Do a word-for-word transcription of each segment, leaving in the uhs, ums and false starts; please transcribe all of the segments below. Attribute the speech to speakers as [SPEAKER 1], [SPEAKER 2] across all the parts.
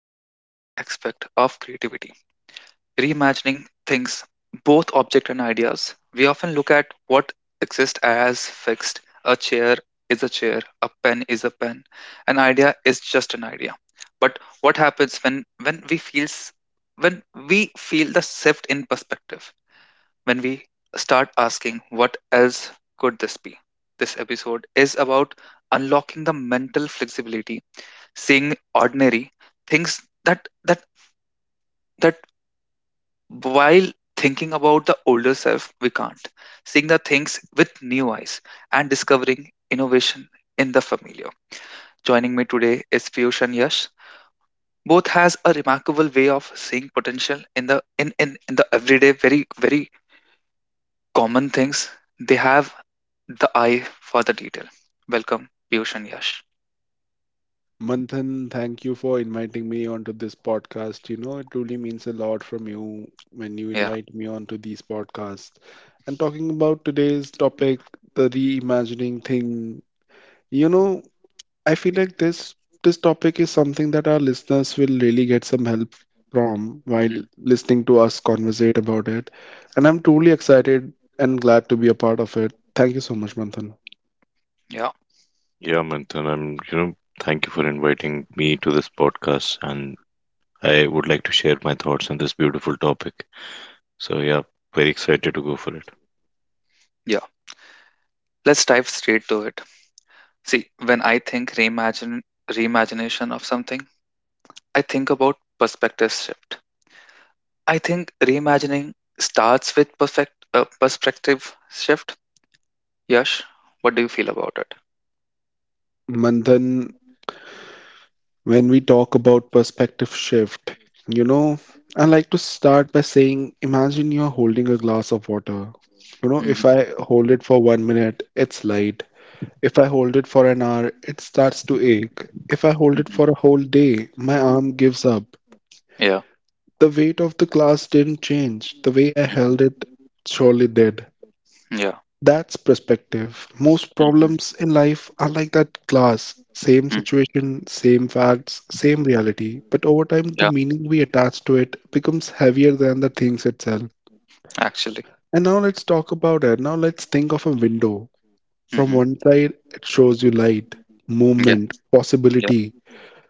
[SPEAKER 1] a fascinating aspect of creativity reimagining things, both object and ideas. We often look at what exists as fixed a chair is a chair, a pen is a pen, an idea is just an idea. But what happens when, when we feels when we feel the shift in perspective when we start asking, what else could this be? This episode is about unlocking the mental flexibility, seeing ordinary things that that that while thinking about the older self we can't, seeing the things with new eyes and discovering innovation in the familiar. Joining me today is Piyush and Yash. Both has a remarkable way of seeing potential in the in, in, in the everyday very very common things they have the eye for the detail. Welcome, Piyush and Yash.
[SPEAKER 2] Manthan, thank you for inviting me onto this podcast. You know, it truly means a lot from you when you
[SPEAKER 1] Yeah.
[SPEAKER 2] invite me onto these podcasts. And talking about today's topic, the reimagining thing, you know, I feel like this this topic is something that our listeners will really get some help from while
[SPEAKER 1] Mhm.
[SPEAKER 2] listening to us conversate about it. And I'm truly excited and glad to be a part of it. Thank you so much, Manthan.
[SPEAKER 1] Yeah,
[SPEAKER 3] Yeah, Manthan, I'm, you know, thank you for inviting me to this podcast, and I would like to share my thoughts on this beautiful topic. So, yeah, very excited to go for it.
[SPEAKER 1] yeah. Let's dive straight to it. See, when I think reimagine reimagination of something, I think about perspective shift. I think reimagining starts with perfect uh, perspective shift. Yash, what do you feel about it?
[SPEAKER 2] Manthan, when we talk about perspective shift, you know, I like to start by saying imagine you're holding a glass of water. You know, if
[SPEAKER 1] Mhm.
[SPEAKER 2] I hold it for one minute, it's light. If I hold it for an hour, it starts to ache. If I hold it for
[SPEAKER 1] Mhm.
[SPEAKER 2] a whole day, my arm gives up.
[SPEAKER 1] Yeah.
[SPEAKER 2] The weight of the glass didn't change. The way I
[SPEAKER 1] Mhm.
[SPEAKER 2] held it surely did.
[SPEAKER 1] Yeah.
[SPEAKER 2] That's perspective. Most
[SPEAKER 1] Mhm.
[SPEAKER 2] problems in life are like that glass, same
[SPEAKER 1] Mm,
[SPEAKER 2] situation, same facts, same reality. But over time, the
[SPEAKER 1] yeah.
[SPEAKER 2] meaning we attach to it becomes heavier than the things itself.
[SPEAKER 1] Actually.
[SPEAKER 2] And now let's talk about it. Now let's think of a window. From
[SPEAKER 1] Hmm.
[SPEAKER 2] one side, it shows you light,
[SPEAKER 1] Yeah,
[SPEAKER 2] movement,
[SPEAKER 1] yeah.
[SPEAKER 2] possibility.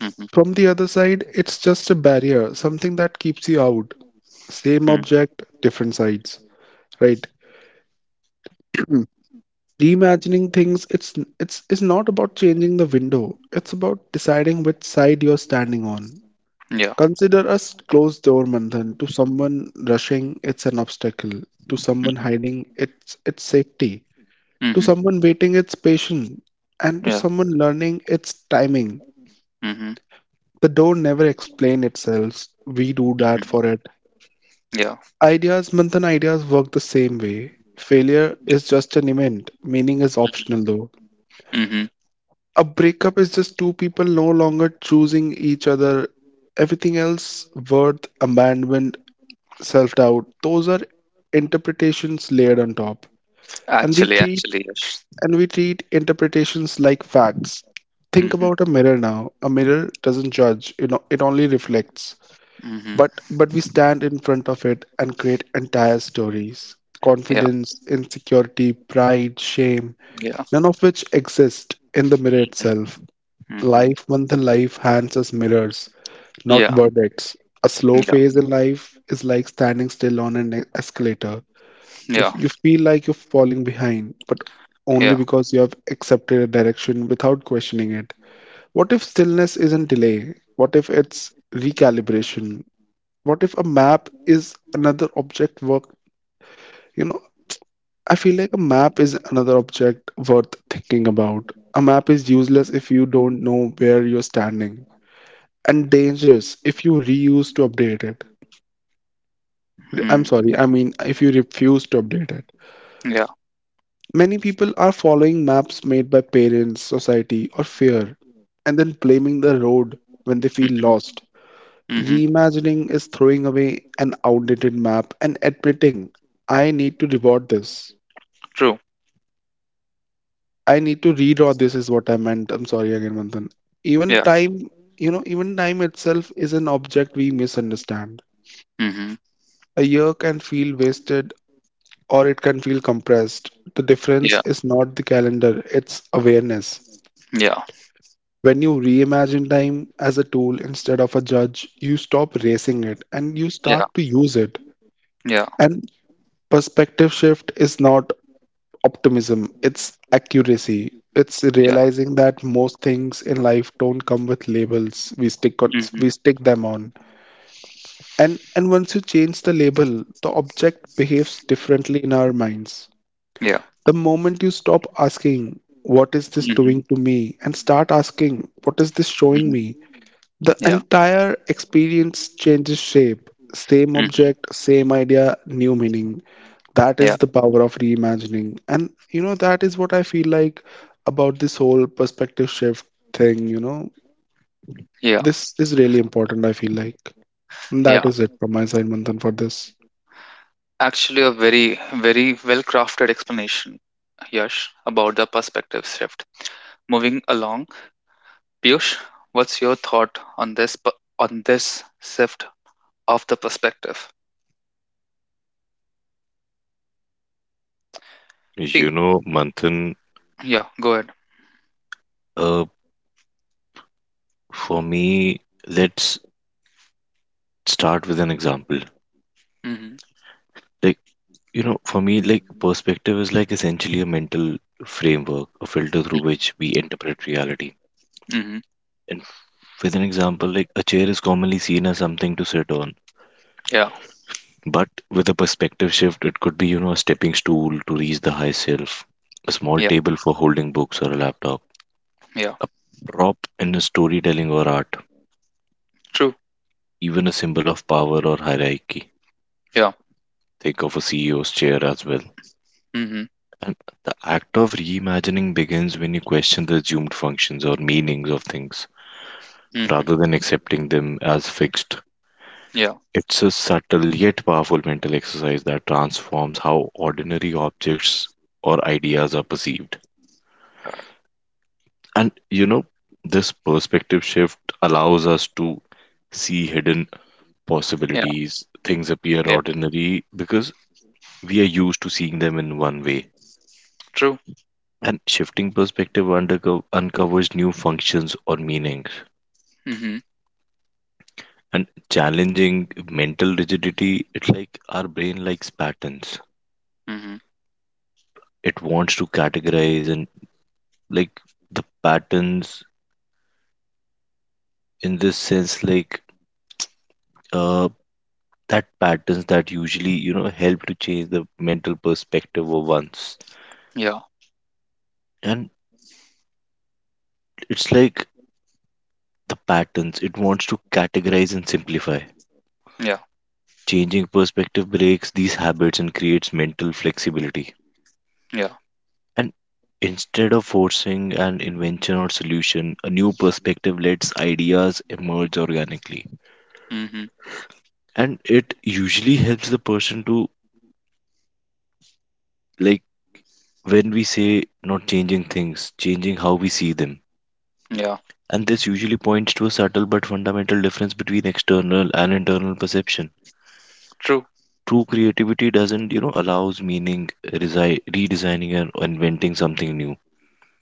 [SPEAKER 1] Mm-hmm.
[SPEAKER 2] From the other side, it's just a barrier, something that keeps you out. Same
[SPEAKER 1] Hmm.
[SPEAKER 2] object, different sides, right? Reimagining things, it's it's is not about changing the window. It's about deciding which side you're standing on.
[SPEAKER 1] Mm. Yeah.
[SPEAKER 2] Consider a s- closed door, Manthan. To someone rushing, it's an obstacle. To someone
[SPEAKER 1] Mm-hmm.
[SPEAKER 2] hiding, it's it's safety. To
[SPEAKER 1] Mhm.
[SPEAKER 2] someone waiting, it's patience. And to
[SPEAKER 1] Yeah.
[SPEAKER 2] someone learning, it's timing.
[SPEAKER 1] Mhm.
[SPEAKER 2] The door never explains itself. We do that
[SPEAKER 1] Mhm.
[SPEAKER 2] for it.
[SPEAKER 1] Yeah.
[SPEAKER 2] Ideas, Manthan, ideas work the same way. Failure is just an event. Meaning is optional though.
[SPEAKER 1] Mhm.
[SPEAKER 2] A breakup is just two people no longer choosing each other. Everything else, worth, abandonment, self doubt, those are interpretations layered on top. And we
[SPEAKER 1] Actually,
[SPEAKER 2] treat
[SPEAKER 1] actually, yes.
[SPEAKER 2] and we treat interpretations like facts. Think
[SPEAKER 1] Mhm.
[SPEAKER 2] about a mirror now. A mirror doesn't judge, you know, it only reflects.
[SPEAKER 1] Mhm.
[SPEAKER 2] But but we stand in front of it and create entire stories.
[SPEAKER 1] Yeah.
[SPEAKER 2] Confidence, insecurity, pride, shame,
[SPEAKER 1] Yeah.
[SPEAKER 2] none of which exist in the mirror itself.
[SPEAKER 1] Mhm.
[SPEAKER 2] Life, one than life, hands us mirrors, not
[SPEAKER 1] Yeah.
[SPEAKER 2] verdicts. A slow
[SPEAKER 1] Yeah.
[SPEAKER 2] phase in life is like standing still on an e- escalator. You, f-
[SPEAKER 1] Yeah.
[SPEAKER 2] you feel like you're falling behind, but only
[SPEAKER 1] Yeah.
[SPEAKER 2] because you have accepted a direction without questioning it. What if stillness isn't delay? What if it's recalibration? What if a map is another object worth, you know, I feel like a map is another object worth thinking about. A map is useless if you don't know where you're standing, and dangerous if you reuse to update it. I'm
[SPEAKER 1] Mm.
[SPEAKER 2] sorry, I mean, if you refuse to update it.
[SPEAKER 1] Yeah.
[SPEAKER 2] Many people are following maps made by parents, society, or fear, and then blaming the road when they feel lost.
[SPEAKER 1] Mhm.
[SPEAKER 2] Reimagining is throwing away an outdated map and admitting, I need to reward this.
[SPEAKER 1] True.
[SPEAKER 2] I need to redraw this, is what I meant. I'm sorry again, Manthan. Even
[SPEAKER 1] Yeah.
[SPEAKER 2] time, you know, even time itself is an object we misunderstand.
[SPEAKER 1] Mhm.
[SPEAKER 2] A year can feel wasted or it can feel compressed. The difference
[SPEAKER 1] Yeah.
[SPEAKER 2] is not the calendar, it's awareness.
[SPEAKER 1] Yeah.
[SPEAKER 2] When you reimagine time as a tool instead of a judge, you stop racing it and you
[SPEAKER 1] Yeah.
[SPEAKER 2] start to use it.
[SPEAKER 1] Yeah.
[SPEAKER 2] And perspective shift is not optimism, it's accuracy. It's
[SPEAKER 1] Yeah.
[SPEAKER 2] realizing that most things in life don't come with labels. We stick on,
[SPEAKER 1] Mhm.
[SPEAKER 2] we stick them on. And and once you change the label, the object behaves differently in our minds.
[SPEAKER 1] Yeah.
[SPEAKER 2] The moment you stop asking, What is this
[SPEAKER 1] Mhm.
[SPEAKER 2] doing to me? And start asking, What is this showing
[SPEAKER 1] Mhm.
[SPEAKER 2] me? The
[SPEAKER 1] Yeah.
[SPEAKER 2] entire experience changes shape. Same
[SPEAKER 1] Mhm.
[SPEAKER 2] object, same idea, new meaning. That
[SPEAKER 1] Yeah.
[SPEAKER 2] is the power of reimagining. And you know, that is what I feel like about this whole perspective shift thing. You know,
[SPEAKER 1] Yeah.
[SPEAKER 2] this is really important, I feel like. And that
[SPEAKER 1] Yeah.
[SPEAKER 2] is it from my side, Manthan, for this.
[SPEAKER 1] Actually, a very, very well crafted explanation, Yash, about the perspective shift. Moving along, Piyush, what's your thought on this p- on this shift of the perspective? See,
[SPEAKER 3] You know, Manthan,
[SPEAKER 1] yeah, go ahead.
[SPEAKER 3] uh, for me, let's start with an example.
[SPEAKER 1] Mm-hmm.
[SPEAKER 3] Like, you know, for me, like, perspective is like essentially a mental framework, a filter through
[SPEAKER 1] Mm-hmm.
[SPEAKER 3] which we interpret reality.
[SPEAKER 1] Mm-hmm.
[SPEAKER 3] And with an example, like, a chair is commonly seen as something to sit on.
[SPEAKER 1] Yeah,
[SPEAKER 3] But with a perspective shift, it could be, you know, a stepping stool to reach the high shelf, a small
[SPEAKER 1] yeah,
[SPEAKER 3] table for holding books or a laptop,
[SPEAKER 1] yeah.
[SPEAKER 3] a prop in a storytelling or art,
[SPEAKER 1] True.
[SPEAKER 3] even a symbol of power or hierarchy.
[SPEAKER 1] Yeah.
[SPEAKER 3] Think of a C E O's chair as well.
[SPEAKER 1] Mm-hmm.
[SPEAKER 3] And the act of reimagining begins when you question the assumed functions or meanings of things
[SPEAKER 1] Mm-hmm.
[SPEAKER 3] rather than accepting them as fixed.
[SPEAKER 1] Yeah,
[SPEAKER 3] It's a subtle yet powerful mental exercise that transforms how ordinary objects or ideas are perceived. And you know, this perspective shift allows us to see hidden
[SPEAKER 1] yeah,
[SPEAKER 3] possibilities. Things appear
[SPEAKER 1] yeah.
[SPEAKER 3] ordinary because we are used to seeing them in one way.
[SPEAKER 1] True.
[SPEAKER 3] And shifting perspective underco- uncovers new functions or meanings.
[SPEAKER 1] Mm-hmm.
[SPEAKER 3] And challenging mental rigidity, it's like our brain likes patterns.
[SPEAKER 1] Mm-hmm.
[SPEAKER 3] It wants to categorize and, like, the patterns in this sense, like uh, that patterns that usually, you know, help to change the mental perspective of one's,
[SPEAKER 1] Yeah,
[SPEAKER 3] and it's like the patterns it wants to categorize and simplify.
[SPEAKER 1] yeah,
[SPEAKER 3] Changing perspective breaks these habits and creates mental flexibility,
[SPEAKER 1] yeah.
[SPEAKER 3] and instead of forcing an invention or solution, a new perspective lets ideas emerge organically.
[SPEAKER 1] Mm-hmm.
[SPEAKER 3] And it usually helps the person to, like, when we say not changing things, changing how we see them,
[SPEAKER 1] Yeah.
[SPEAKER 3] and this usually points to a subtle but fundamental difference between external and internal perception.
[SPEAKER 1] True.
[SPEAKER 3] True creativity doesn't, you know, allows meaning resi- redesigning and inventing something new. It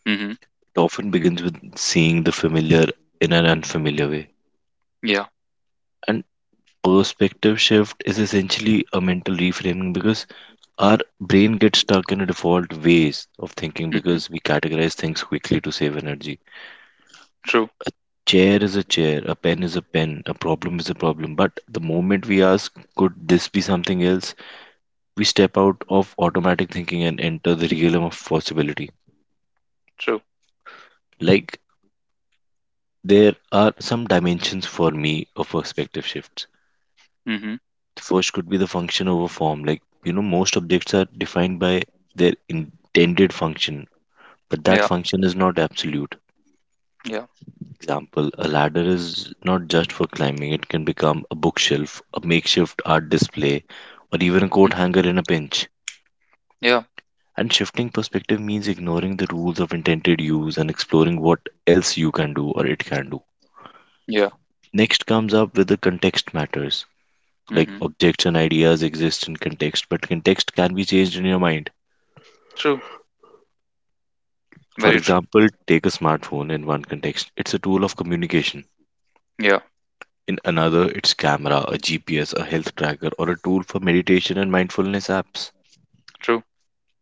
[SPEAKER 1] Mm-hmm.
[SPEAKER 3] often begins with seeing the familiar in an unfamiliar way.
[SPEAKER 1] Yeah.
[SPEAKER 3] And perspective shift is essentially a mental reframing because our brain gets stuck in a default ways of thinking,
[SPEAKER 1] Mm-hmm.
[SPEAKER 3] because we categorize things quickly to save energy.
[SPEAKER 1] True.
[SPEAKER 3] Chair is a chair, a pen is a pen, a problem is a problem. But the moment we ask, could this be something else, we step out of automatic thinking and enter the realm of possibility.
[SPEAKER 1] True.
[SPEAKER 3] Like, there are some dimensions for me of perspective shifts.
[SPEAKER 1] Mm-hmm.
[SPEAKER 3] The first could be the function over form. Like, you know, most objects are defined by their intended function, but that
[SPEAKER 1] Yeah.
[SPEAKER 3] function is not absolute.
[SPEAKER 1] Yeah.
[SPEAKER 3] Example, a ladder is not just for climbing, it can become a bookshelf, a makeshift art display, or even a
[SPEAKER 1] Mm.
[SPEAKER 3] coat hanger in a pinch.
[SPEAKER 1] Yeah.
[SPEAKER 3] And shifting perspective means ignoring the rules of intended use and exploring what else you can do or it can do.
[SPEAKER 1] Yeah.
[SPEAKER 3] Next comes up with the context matters. Like,
[SPEAKER 1] Mm-hmm.
[SPEAKER 3] objects and ideas exist in context, but context can be changed in your mind.
[SPEAKER 1] True.
[SPEAKER 3] For
[SPEAKER 1] Very true.
[SPEAKER 3] example, take a smartphone in one context. It's a tool of communication.
[SPEAKER 1] Yeah.
[SPEAKER 3] In another, it's camera, a G P S, a health tracker, or a tool for meditation and mindfulness apps.
[SPEAKER 1] True.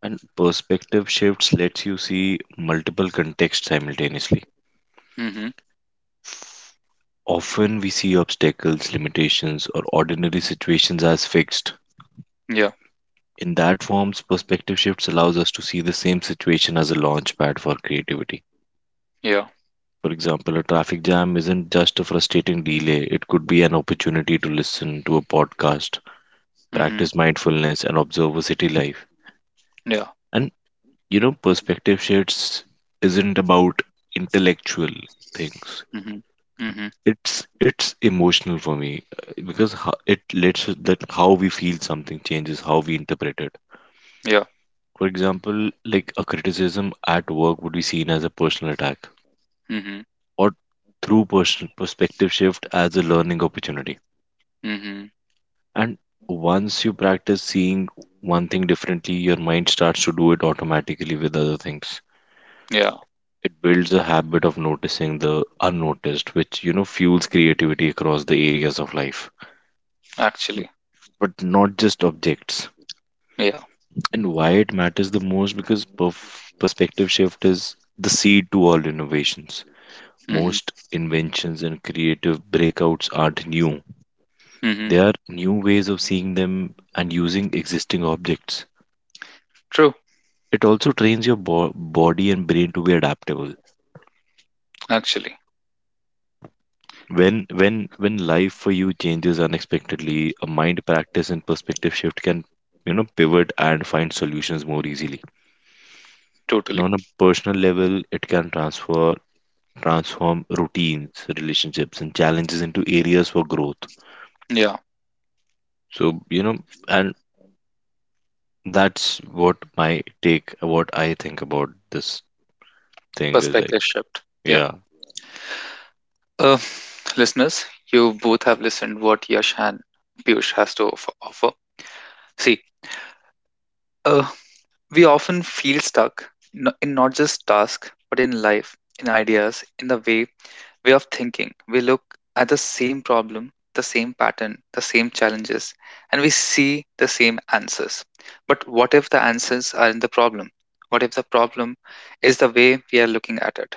[SPEAKER 3] And perspective shifts lets you see multiple contexts simultaneously.
[SPEAKER 1] Mm-hmm.
[SPEAKER 3] Often we see obstacles, limitations, or ordinary situations as fixed.
[SPEAKER 1] Yeah.
[SPEAKER 3] In that forms, perspective shifts allows us to see the same situation as a launch pad for creativity.
[SPEAKER 1] Yeah.
[SPEAKER 3] For example, a traffic jam isn't just a frustrating delay, it could be an opportunity to listen to a podcast,
[SPEAKER 1] Mm-hmm.
[SPEAKER 3] practice mindfulness, and observe a city life.
[SPEAKER 1] Yeah.
[SPEAKER 3] And you know perspective shifts isn't about intellectual things,
[SPEAKER 1] Mm-hmm. Mm-hmm.
[SPEAKER 3] it's it's emotional for me, uh, because ho- it lets us- that how we feel something changes how we interpret it.
[SPEAKER 1] Yeah.
[SPEAKER 3] For example, like a criticism at work would be seen as a personal attack,
[SPEAKER 1] Mm-hmm.
[SPEAKER 3] or through personal perspective shift as a learning opportunity.
[SPEAKER 1] Mm-hmm.
[SPEAKER 3] And once you practice seeing one thing differently, your mind starts to do it automatically with other things.
[SPEAKER 1] Yeah.
[SPEAKER 3] It builds a habit of noticing the unnoticed, which, you know, fuels creativity across the areas of life, but,
[SPEAKER 1] Actually.
[SPEAKER 3] but not just objects.
[SPEAKER 1] Yeah.
[SPEAKER 3] And why it matters the most, because perf- perspective shift is the seed to all innovations.
[SPEAKER 1] Mm-hmm.
[SPEAKER 3] Most inventions and creative breakouts aren't new,
[SPEAKER 1] Mm-hmm.
[SPEAKER 3] they are new ways of seeing them and using existing objects.
[SPEAKER 1] True.
[SPEAKER 3] It also trains your bo- body and brain to be adaptable.
[SPEAKER 1] Actually.
[SPEAKER 3] When when when life for you changes unexpectedly, a mind practice and perspective shift can, you know, pivot and find solutions more easily. And
[SPEAKER 1] Totally.
[SPEAKER 3] on a personal level, it can transfer transform routines, relationships, and challenges into areas for growth.
[SPEAKER 1] Yeah.
[SPEAKER 3] So, you know, and that's what my take, what I think about this thing is like,
[SPEAKER 1] Perspective shift. Yeah.
[SPEAKER 3] yeah,
[SPEAKER 1] Uh, listeners, you both have listened what Yash and Piyush has to offer. offer. See, uh, we often feel stuck n- in not just task, but in life, in ideas, in the way way of thinking. We look at the same problem, the same pattern, the same challenges, and we see the same answers. But what if the answers are in the problem? What if the problem is the way we are looking at it?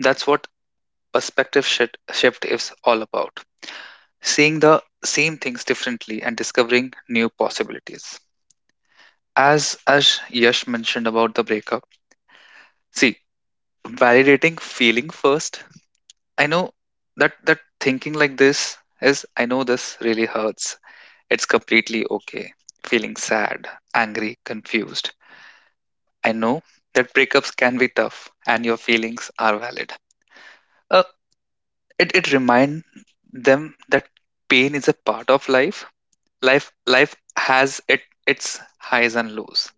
[SPEAKER 1] That's what perspective shit- shift is all about. Seeing the same things differently and discovering new possibilities. As as Yash mentioned about the breakup, see, validating feeling first I know that that thinking like this is I know this really hurts. It's completely okay. Feeling sad, angry, confused. I know that breakups can be tough and your feelings are valid. Uh, it it remind them that pain is a part of life. Life life has it its highs and lows.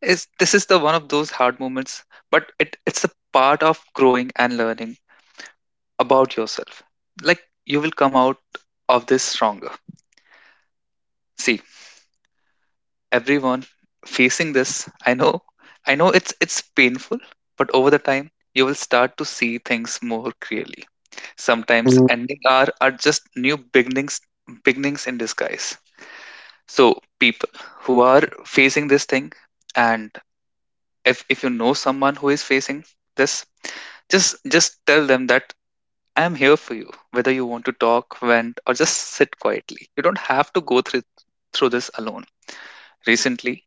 [SPEAKER 1] Is this is the one of those hard moments, but it, it's a part of growing and learning about yourself. Like you will come out of this stronger. See, everyone facing this, I know, I know it's it's painful, but over the time you will start to see things more clearly. Sometimes
[SPEAKER 2] Mm.
[SPEAKER 1] ending are are just new beginnings beginnings in disguise. So people who are facing this thing and if if you know someone who is facing this, just just tell them that I am here for you, whether you want to talk, vent, or just sit quietly. You don't have to go through through this alone. Recently,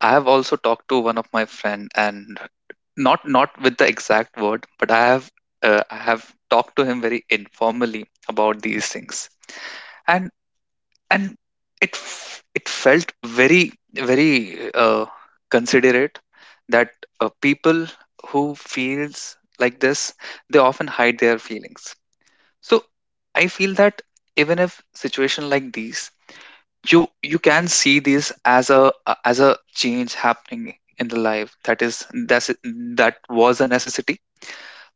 [SPEAKER 1] I have also talked to one of my friend and not not with the exact word, but I have uh, I have talked to him very informally about these things, and and it f- it felt very very uh, considerate that uh, people who feels like this they often hide their feelings. So I feel that even if situation like these you you can see this as a uh, as a change happening in the life that is that's that was a necessity.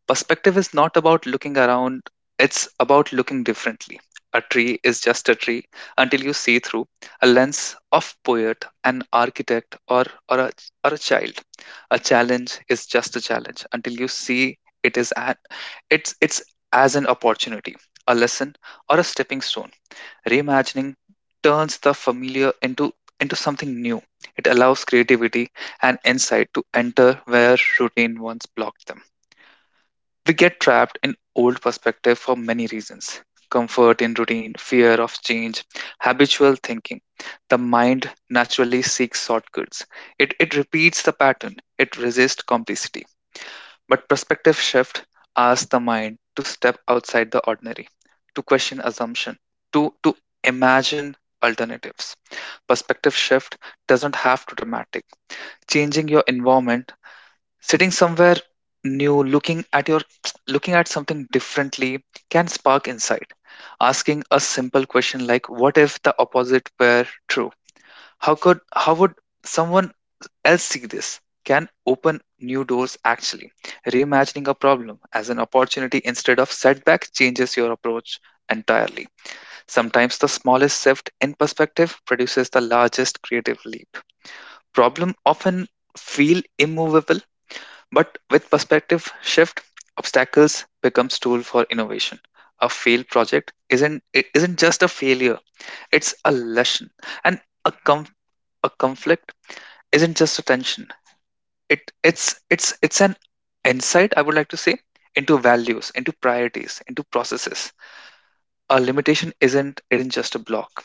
[SPEAKER 1] Perspective is not about looking around, it's about looking differently. A tree is just a tree until you see through a lens of poet, an architect, or or a, or a child. A challenge is just a challenge until you see it is an, it's it's as an opportunity, a lesson, or a stepping stone. Reimagining turns the familiar into, into something new. It allows creativity and insight to enter where routine once blocked them. We get trapped in old perspective for many reasons: comfort in routine, fear of change, habitual thinking. The mind naturally seeks shortcuts. It, it repeats the pattern, it resists complicity. But perspective shift asks the mind to step outside the ordinary, to question assumption, to, to imagine alternatives. Perspective shift doesn't have to dramatic. Changing your environment, sitting somewhere new, looking at your looking at something differently can spark insight. Asking a simple question like what if the opposite were true? How could how would someone L C Ds can open new doors actually. Reimagining a problem as an opportunity instead of setback changes your approach entirely. Sometimes the smallest shift in perspective produces the largest creative leap. Problem often feel immovable, but with perspective shift, obstacles becomes tool for innovation. A failed project isn't it isn't just a failure, it's a lesson. And a com- a conflict isn't just a tension, it it's it's it's an insight, I would like to say, into values, into priorities, into processes. A limitation isn't isn't just a block,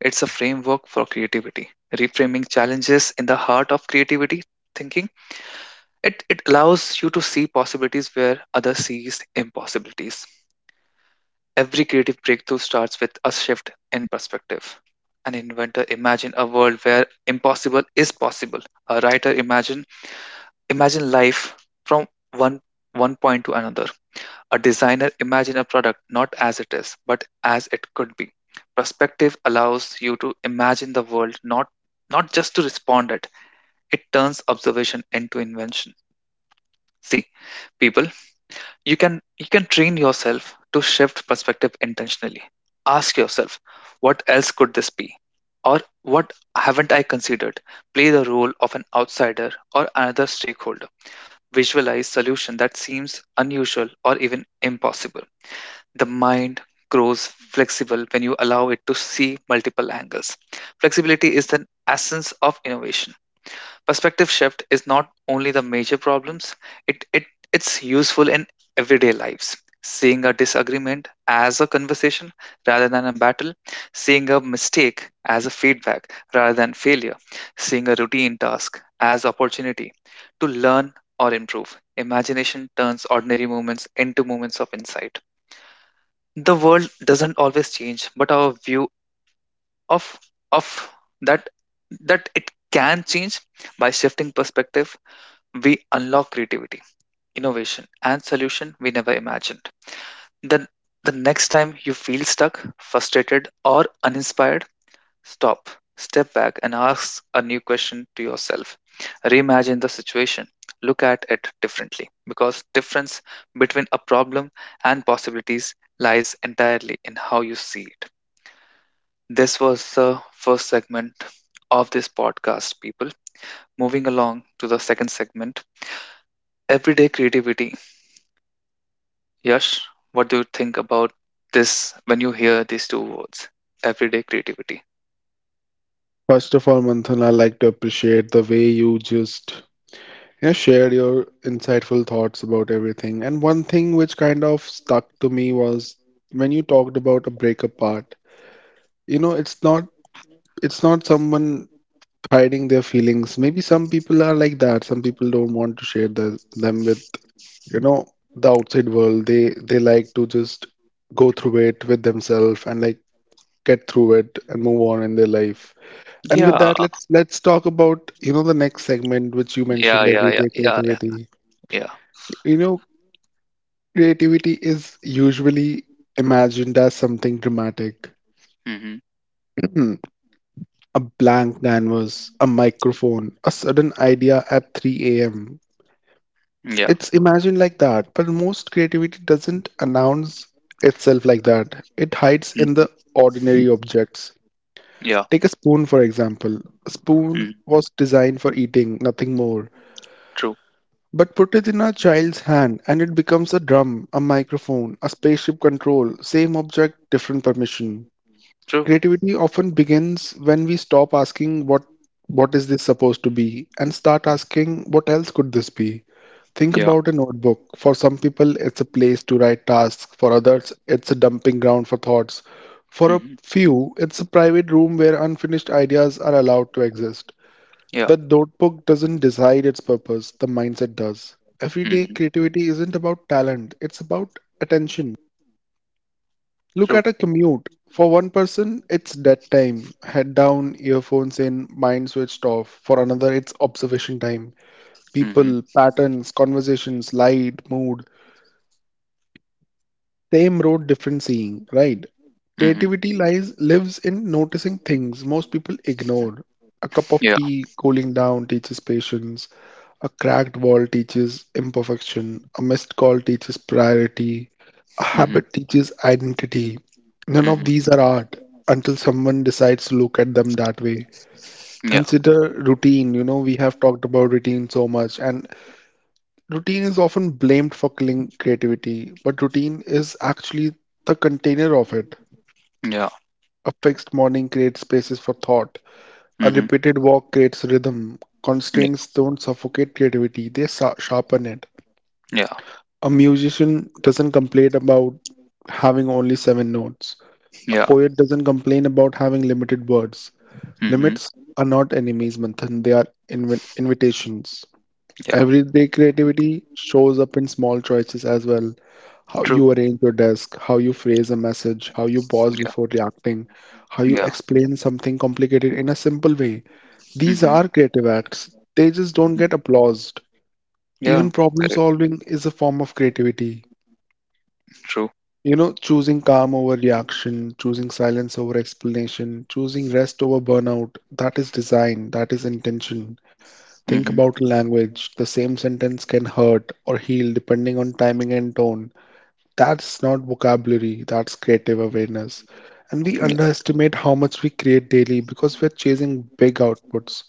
[SPEAKER 1] it's a framework for creativity. Reframing challenges in the heart of creativity thinking, it it allows you to see possibilities where others sees impossibilities. Every creative breakthrough starts with a shift in perspective. An inventor imagine a world where impossible is possible. A writer imagine Imagine life from one one point to another. A designer imagine a product not as it is, but as it could be. Perspective allows you to imagine the world, not not just to respond it. It turns observation into invention. See, people, you can you can train yourself to shift perspective intentionally. Ask yourself, what else could this be? Or what haven't I considered? Play the role of an outsider or another stakeholder. Visualize solution that seems unusual or even impossible. The mind grows flexible when you allow it to see multiple angles. Flexibility is the essence of innovation. Perspective shift is not only the major problems, it, it it's useful in everyday lives. Seeing a disagreement as a conversation rather than a battle, seeing a mistake as a feedback rather than failure, seeing a routine task as opportunity to learn or improve. Imagination turns ordinary moments into moments of insight. The world doesn't always change, but our view of of that that it can change. By shifting perspective we unlock creativity, innovation, and solution we never imagined. Then the next time you feel stuck, frustrated, or uninspired, stop, step back, and ask a new question to yourself. Reimagine the situation. Look at it differently, because difference between a problem and possibilities lies entirely in how you see it. This was the first segment of this podcast, people. Moving along to the second segment, everyday creativity. Yash, what do you think about this when you hear these two words, everyday creativity?
[SPEAKER 2] First of all, Manthan, I like to appreciate the way you just, yeah, share your insightful thoughts about everything. And one thing which kind of stuck to me was when you talked about a breakup part. You know, it's not it's not someone hiding their feelings. Maybe some people are like that. Some people don't want to share the, them with, you know, the outside world. They they like to just go through it with themselves and like get through it and move on in their life. And with
[SPEAKER 1] Yeah,
[SPEAKER 2] that, let's let's talk about, you know, the next segment which you
[SPEAKER 1] yeah,
[SPEAKER 2] mentioned,
[SPEAKER 1] yeah, yeah,
[SPEAKER 2] everyday
[SPEAKER 1] yeah, yeah,
[SPEAKER 2] creativity.
[SPEAKER 1] yeah.
[SPEAKER 2] You know, creativity is usually imagined as something dramatic.
[SPEAKER 1] Mm-hmm.
[SPEAKER 2] A blank canvas, a microphone, a sudden idea at three a m.
[SPEAKER 1] Yeah,
[SPEAKER 2] It's imagined like that, but most creativity doesn't announce itself like that. It hides in the
[SPEAKER 1] mm-hmm,
[SPEAKER 2] ordinary objects.
[SPEAKER 1] yeah.
[SPEAKER 2] Take a spoon, for example. A spoon
[SPEAKER 1] Mm-hmm.
[SPEAKER 2] was designed for eating, nothing more.
[SPEAKER 1] True,
[SPEAKER 2] But put it in a child's hand and it becomes a drum, a microphone, a spaceship control, same object, different permission.
[SPEAKER 1] true.
[SPEAKER 2] Creativity often begins when we stop asking, what what is this supposed to be, and start asking, what else could this be. Think
[SPEAKER 1] Yeah,
[SPEAKER 2] about a notebook. For some people, it's a place to write tasks. For others, it's a dumping ground for thoughts. For a
[SPEAKER 1] mm-hmm,
[SPEAKER 2] few, it's a private room where unfinished ideas are allowed to exist.
[SPEAKER 1] yeah,
[SPEAKER 2] The notebook doesn't decide its purpose, the mindset does. Everyday
[SPEAKER 1] mm-hmm,
[SPEAKER 2] creativity isn't about talent, it's about attention. Look
[SPEAKER 1] true.
[SPEAKER 2] at a commute. For one person, it's dead time, head down, earphones in, mind switched off. For another, it's observation time.
[SPEAKER 1] Mm-hmm.
[SPEAKER 2] People, patterns, conversations, light, mood. Same road, different seeing, right?
[SPEAKER 1] Mm-hmm.
[SPEAKER 2] Creativity lies lives in noticing things most people ignore. A cup of
[SPEAKER 1] Yeah,
[SPEAKER 2] tea, cooling down, teaches patience. A cracked wall teaches imperfection, a missed call teaches priority, a
[SPEAKER 1] mm-hmm.
[SPEAKER 2] habit teaches identity. None of
[SPEAKER 1] Mm-hmm,
[SPEAKER 2] these are art until someone decides to look at them that way.
[SPEAKER 1] yeah,
[SPEAKER 2] Consider routine. You know, we have talked about routine so much, and routine is often blamed for killing creativity, but routine is actually the container of it.
[SPEAKER 1] yeah,
[SPEAKER 2] A fixed morning creates spaces for thought, a
[SPEAKER 1] mm-hmm,
[SPEAKER 2] repeated walk creates rhythm.
[SPEAKER 1] yeah,
[SPEAKER 2] Constraints don't suffocate creativity, they sa- sharpen it.
[SPEAKER 1] yeah,
[SPEAKER 2] A musician doesn't complain about having only seven notes. A
[SPEAKER 1] yeah,
[SPEAKER 2] poet doesn't complain about having limited words.
[SPEAKER 1] mm-hmm,
[SPEAKER 2] Limits are not enemies, Manthan, they are invi- invitations.
[SPEAKER 1] yeah.
[SPEAKER 2] Everyday creativity shows up in small choices as well. How
[SPEAKER 1] True.
[SPEAKER 2] you arrange your desk, how you phrase a message, how you pause
[SPEAKER 1] Yeah.
[SPEAKER 2] before reacting, how you
[SPEAKER 1] Yeah.
[SPEAKER 2] explain something complicated in a simple way. These
[SPEAKER 1] Mhm.
[SPEAKER 2] are creative acts. They just don't
[SPEAKER 1] Mhm.
[SPEAKER 2] get applauded.
[SPEAKER 1] Yeah.
[SPEAKER 2] Even problem
[SPEAKER 1] Got it.
[SPEAKER 2] solving is a form of creativity.
[SPEAKER 1] True.
[SPEAKER 2] You know, choosing calm over reaction, choosing silence over explanation, choosing rest over burnout, that is design, that is intention. Think
[SPEAKER 1] Mhm.
[SPEAKER 2] about language. The same sentence can hurt or heal depending on timing and tone. That's not vocabulary, that's creative awareness. And we
[SPEAKER 1] Yeah.
[SPEAKER 2] underestimate how much we create daily because we're chasing big outputs.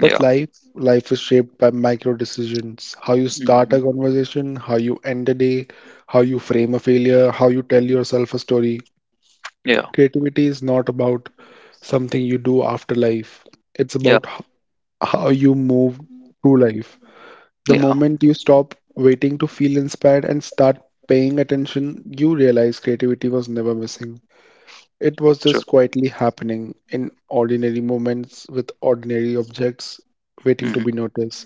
[SPEAKER 2] But life, life is shaped by micro decisions. How you start
[SPEAKER 1] Mhm.
[SPEAKER 2] a conversation, how you end a day, how you frame a failure, how you tell yourself a story.
[SPEAKER 1] Yeah.
[SPEAKER 2] Creativity is not about something you do after life. It's
[SPEAKER 1] Yeah.
[SPEAKER 2] about h- how you move through life. The
[SPEAKER 1] Yeah.
[SPEAKER 2] moment you stop waiting to feel inspired and start paying attention, you realize creativity was never missing. It was
[SPEAKER 1] True.
[SPEAKER 2] just quietly happening in ordinary moments with ordinary objects waiting to
[SPEAKER 1] Mhm.
[SPEAKER 2] be noticed.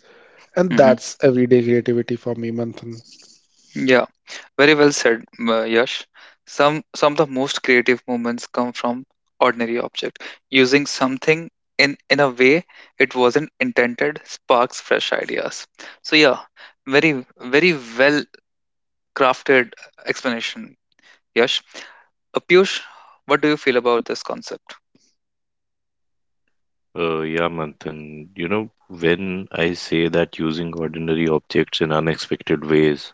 [SPEAKER 2] And
[SPEAKER 1] Mhm.
[SPEAKER 2] that's everyday creativity for me, Manthan.
[SPEAKER 1] Yeah. Very well said, uh, Yash. Some some of the most creative moments come from ordinary object. Using something in in a way it wasn't intended sparks fresh ideas. So yeah, very very well crafted explanation, Yash. Uh, Piyush, what do you feel about this concept?
[SPEAKER 3] uh, yeah, Manthan, you know, when I say that using ordinary objects in unexpected ways,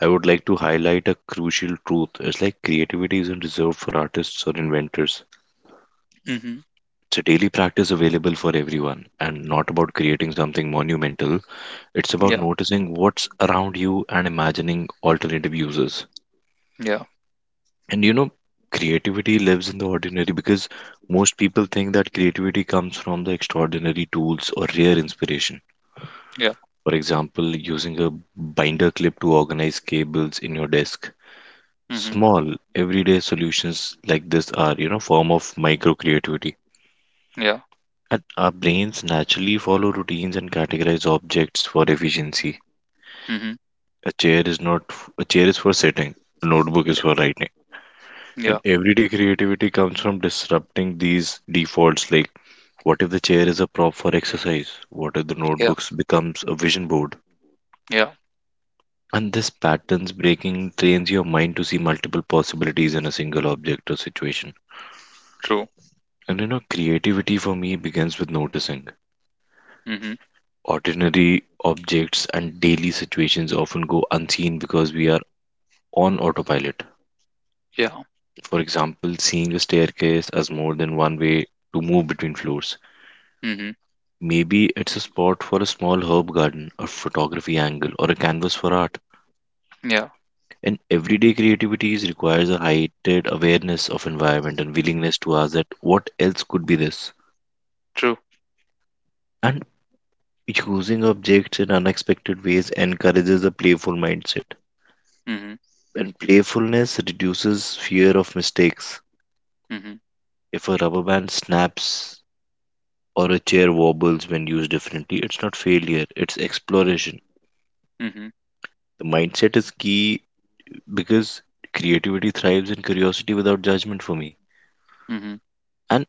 [SPEAKER 3] I would like to highlight a crucial truth. It's like creativity isn't reserved for artists or inventors.
[SPEAKER 1] Mm-hmm.
[SPEAKER 3] It's a daily practice available for everyone and not about creating something monumental. It's about
[SPEAKER 1] Yeah,
[SPEAKER 3] noticing what's around you and imagining alternative uses.
[SPEAKER 1] yeah,
[SPEAKER 3] And you know, creativity lives in the ordinary because most people think that creativity comes from the extraordinary tools or rare inspiration.
[SPEAKER 1] yeah.
[SPEAKER 3] For example, using a binder clip to organize cables in your desk.
[SPEAKER 1] Mm-hmm.
[SPEAKER 3] Small, everyday solutions like this are, you know, form of micro creativity.
[SPEAKER 1] Yeah,
[SPEAKER 3] And our brains naturally follow routines and categorize objects for efficiency.
[SPEAKER 1] mm-hmm.
[SPEAKER 3] A chair is not f- A chair is for sitting, a notebook is
[SPEAKER 1] Yeah,
[SPEAKER 3] for writing. And
[SPEAKER 1] yeah,
[SPEAKER 3] everyday creativity comes from disrupting these defaults, like what if the chair is a prop for exercise? What if the
[SPEAKER 1] yeah,
[SPEAKER 3] notebooks becomes a vision board?
[SPEAKER 1] yeah.
[SPEAKER 3] And this patterns breaking trains your mind to see multiple possibilities in a single object or situation.
[SPEAKER 1] True.
[SPEAKER 3] And you know, creativity for me begins with noticing.
[SPEAKER 1] Mm-hmm.
[SPEAKER 3] Ordinary objects and daily situations often go unseen because we are on autopilot.
[SPEAKER 1] Yeah,
[SPEAKER 3] For example, seeing a staircase as more than one way to move between floors.
[SPEAKER 1] mm-hmm.
[SPEAKER 3] Maybe it's a spot for a small herb garden, a photography angle, or a canvas for art.
[SPEAKER 1] Yeah,
[SPEAKER 3] And everyday creativity is- requires a heightened awareness of environment and willingness to ask that what else could be this?
[SPEAKER 1] true.
[SPEAKER 3] And using objects in unexpected ways encourages a playful mindset.
[SPEAKER 1] Mm-hmm.
[SPEAKER 3] And playfulness reduces fear of mistakes.
[SPEAKER 1] Mm-hmm.
[SPEAKER 3] If a rubber band snaps or a chair wobbles when used differently, it's not failure, it's exploration.
[SPEAKER 1] Mm-hmm.
[SPEAKER 3] The mindset is key because creativity thrives in curiosity without judgment for me.
[SPEAKER 1] Mm-hmm.
[SPEAKER 3] And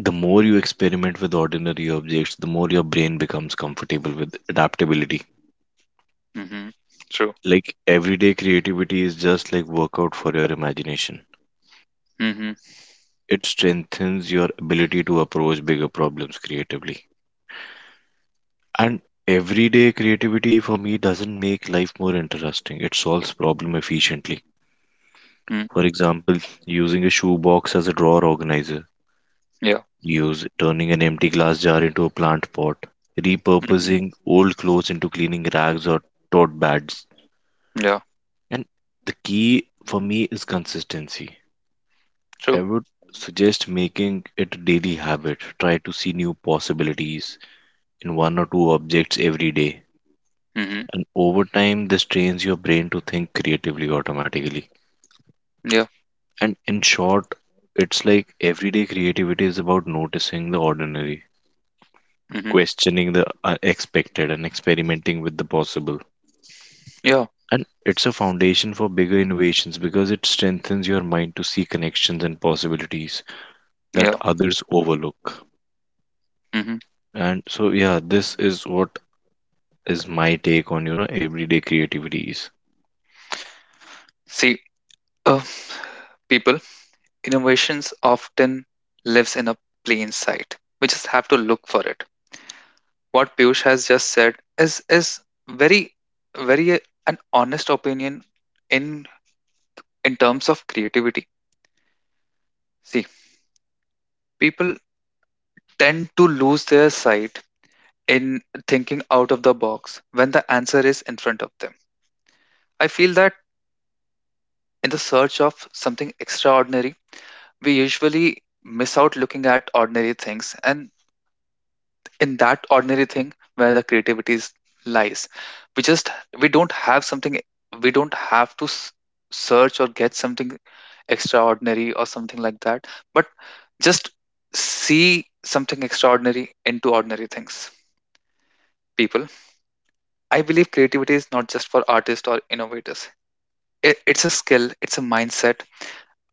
[SPEAKER 3] the more you experiment with ordinary objects, the more your brain becomes comfortable with adaptability.
[SPEAKER 1] Mm-hmm. True.
[SPEAKER 3] Like, everyday creativity is just like workout for your imagination.
[SPEAKER 1] Mm-hmm.
[SPEAKER 3] It strengthens your ability to approach bigger problems creatively. And everyday creativity for me doesn't make life more interesting. It solves problem efficiently.
[SPEAKER 1] Mm-hmm.
[SPEAKER 3] For example, using a shoebox as a drawer organizer,
[SPEAKER 1] Yeah.
[SPEAKER 3] use turning an empty glass jar into a plant pot,
[SPEAKER 1] Mm-hmm.
[SPEAKER 3] repurposing old clothes into cleaning rags or tote bags.
[SPEAKER 1] Yeah.
[SPEAKER 3] And the key for me is consistency. I
[SPEAKER 1] True.
[SPEAKER 3] would suggest making it a daily habit. Try to see new possibilities in one or two objects every day.
[SPEAKER 1] Mm-hmm.
[SPEAKER 3] And over time, this trains your brain to think creatively automatically.
[SPEAKER 1] Yeah.
[SPEAKER 3] And in short, it's like everyday creativity is about noticing the ordinary,
[SPEAKER 1] Mm-hmm.
[SPEAKER 3] questioning the unexpected, and experimenting with the possible.
[SPEAKER 1] Yeah.
[SPEAKER 3] And it's a foundation for bigger innovations because it strengthens your mind to see connections and possibilities that
[SPEAKER 1] Yeah.
[SPEAKER 3] others overlook.
[SPEAKER 1] Mm-hmm.
[SPEAKER 3] And so, yeah, this is what is my take on, you know, everyday creativities.
[SPEAKER 1] See, uh, people, innovations often lives in a plain sight. We just have to look for it. What Piyush has just said is is very very uh, an honest opinion in in terms of creativity. See, people tend to lose their sight in thinking out of the box when the answer is in front of them. I feel that in the search of something extraordinary, we usually miss out looking at ordinary things, and in that ordinary thing where the creativity is- lies, we just we don't have something we don't have to s- search or get something extraordinary or something like that, but just see something extraordinary into ordinary things. People, I believe creativity is not just for artists or innovators. It, it's a skill, it's a mindset,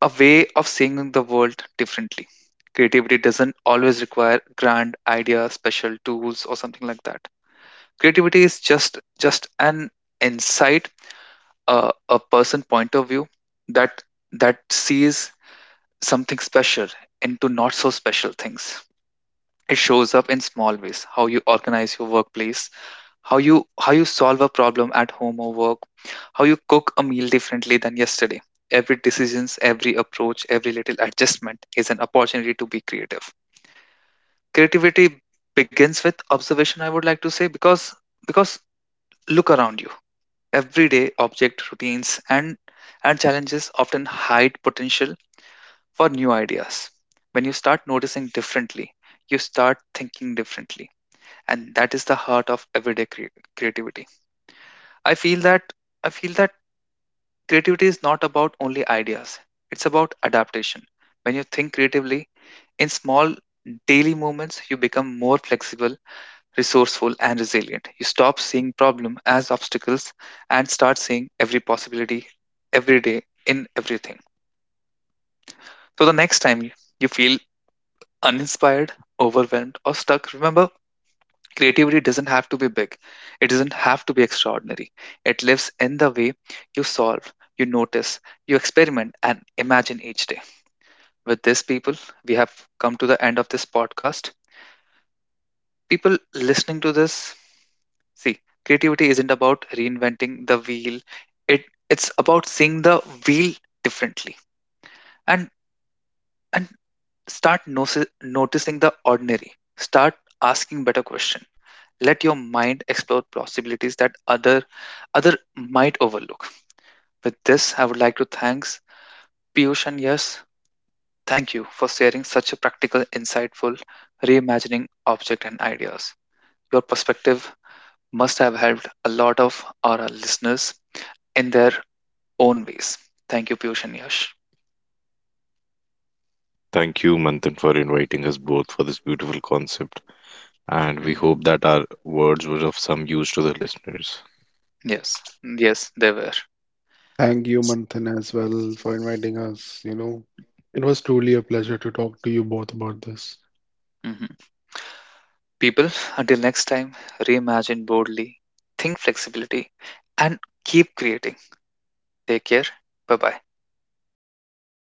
[SPEAKER 1] a way of seeing the world differently. Creativity doesn't always require grand ideas, special tools, or something like that. Creativity is just just an insight, a, a person point of view that that sees something special into not so special things. It shows up in small ways: how you organize your workplace, how you how you solve a problem at home or work, how you cook a meal differently than yesterday. Every decisions, every approach, every little adjustment is an opportunity to be creative. Creativity begins with observation, I would like to say, because because look around you, everyday object, routines, and and challenges often hide potential for new ideas. When you start noticing differently, you start thinking differently, and that is the heart of everyday crea- creativity. I feel that i feel that creativity is not about only ideas, it's about adaptation. When you think creatively in small daily moments, you become more flexible, resourceful, and resilient. You stop seeing problem as obstacles and start seeing every possibility every day in everything. So the next time you you feel uninspired, overwhelmed, or stuck, remember creativity doesn't have to be big. It doesn't have to be extraordinary. It lives in the way you solve, you notice, you experiment, and imagine each day. With this, people, we have come to the end of this podcast. People listening to this, see, creativity isn't about reinventing the wheel. It it's about seeing the wheel differently, and and start noci- noticing the ordinary. Start asking better question. Let your mind explore possibilities that other other might overlook. With this, I would like to thanks Piyush and Yes. Thank you for sharing such a practical, insightful reimagining object and ideas. Your perspective must have helped a lot of our listeners in their own ways. Thank you, Piyush and Yash.
[SPEAKER 3] Thank you, Manthan, for inviting us both for this beautiful concept, and we
[SPEAKER 1] Mhm.
[SPEAKER 3] hope that our words were of some use to the listeners.
[SPEAKER 1] Yes, yes, they were.
[SPEAKER 2] Thank you, Manthan, as well for inviting us. You know, it was truly a pleasure to talk to you both about this.
[SPEAKER 1] Hmm. People, until next time, reimagine boldly, think flexibility, and keep creating. Take care. Bye bye.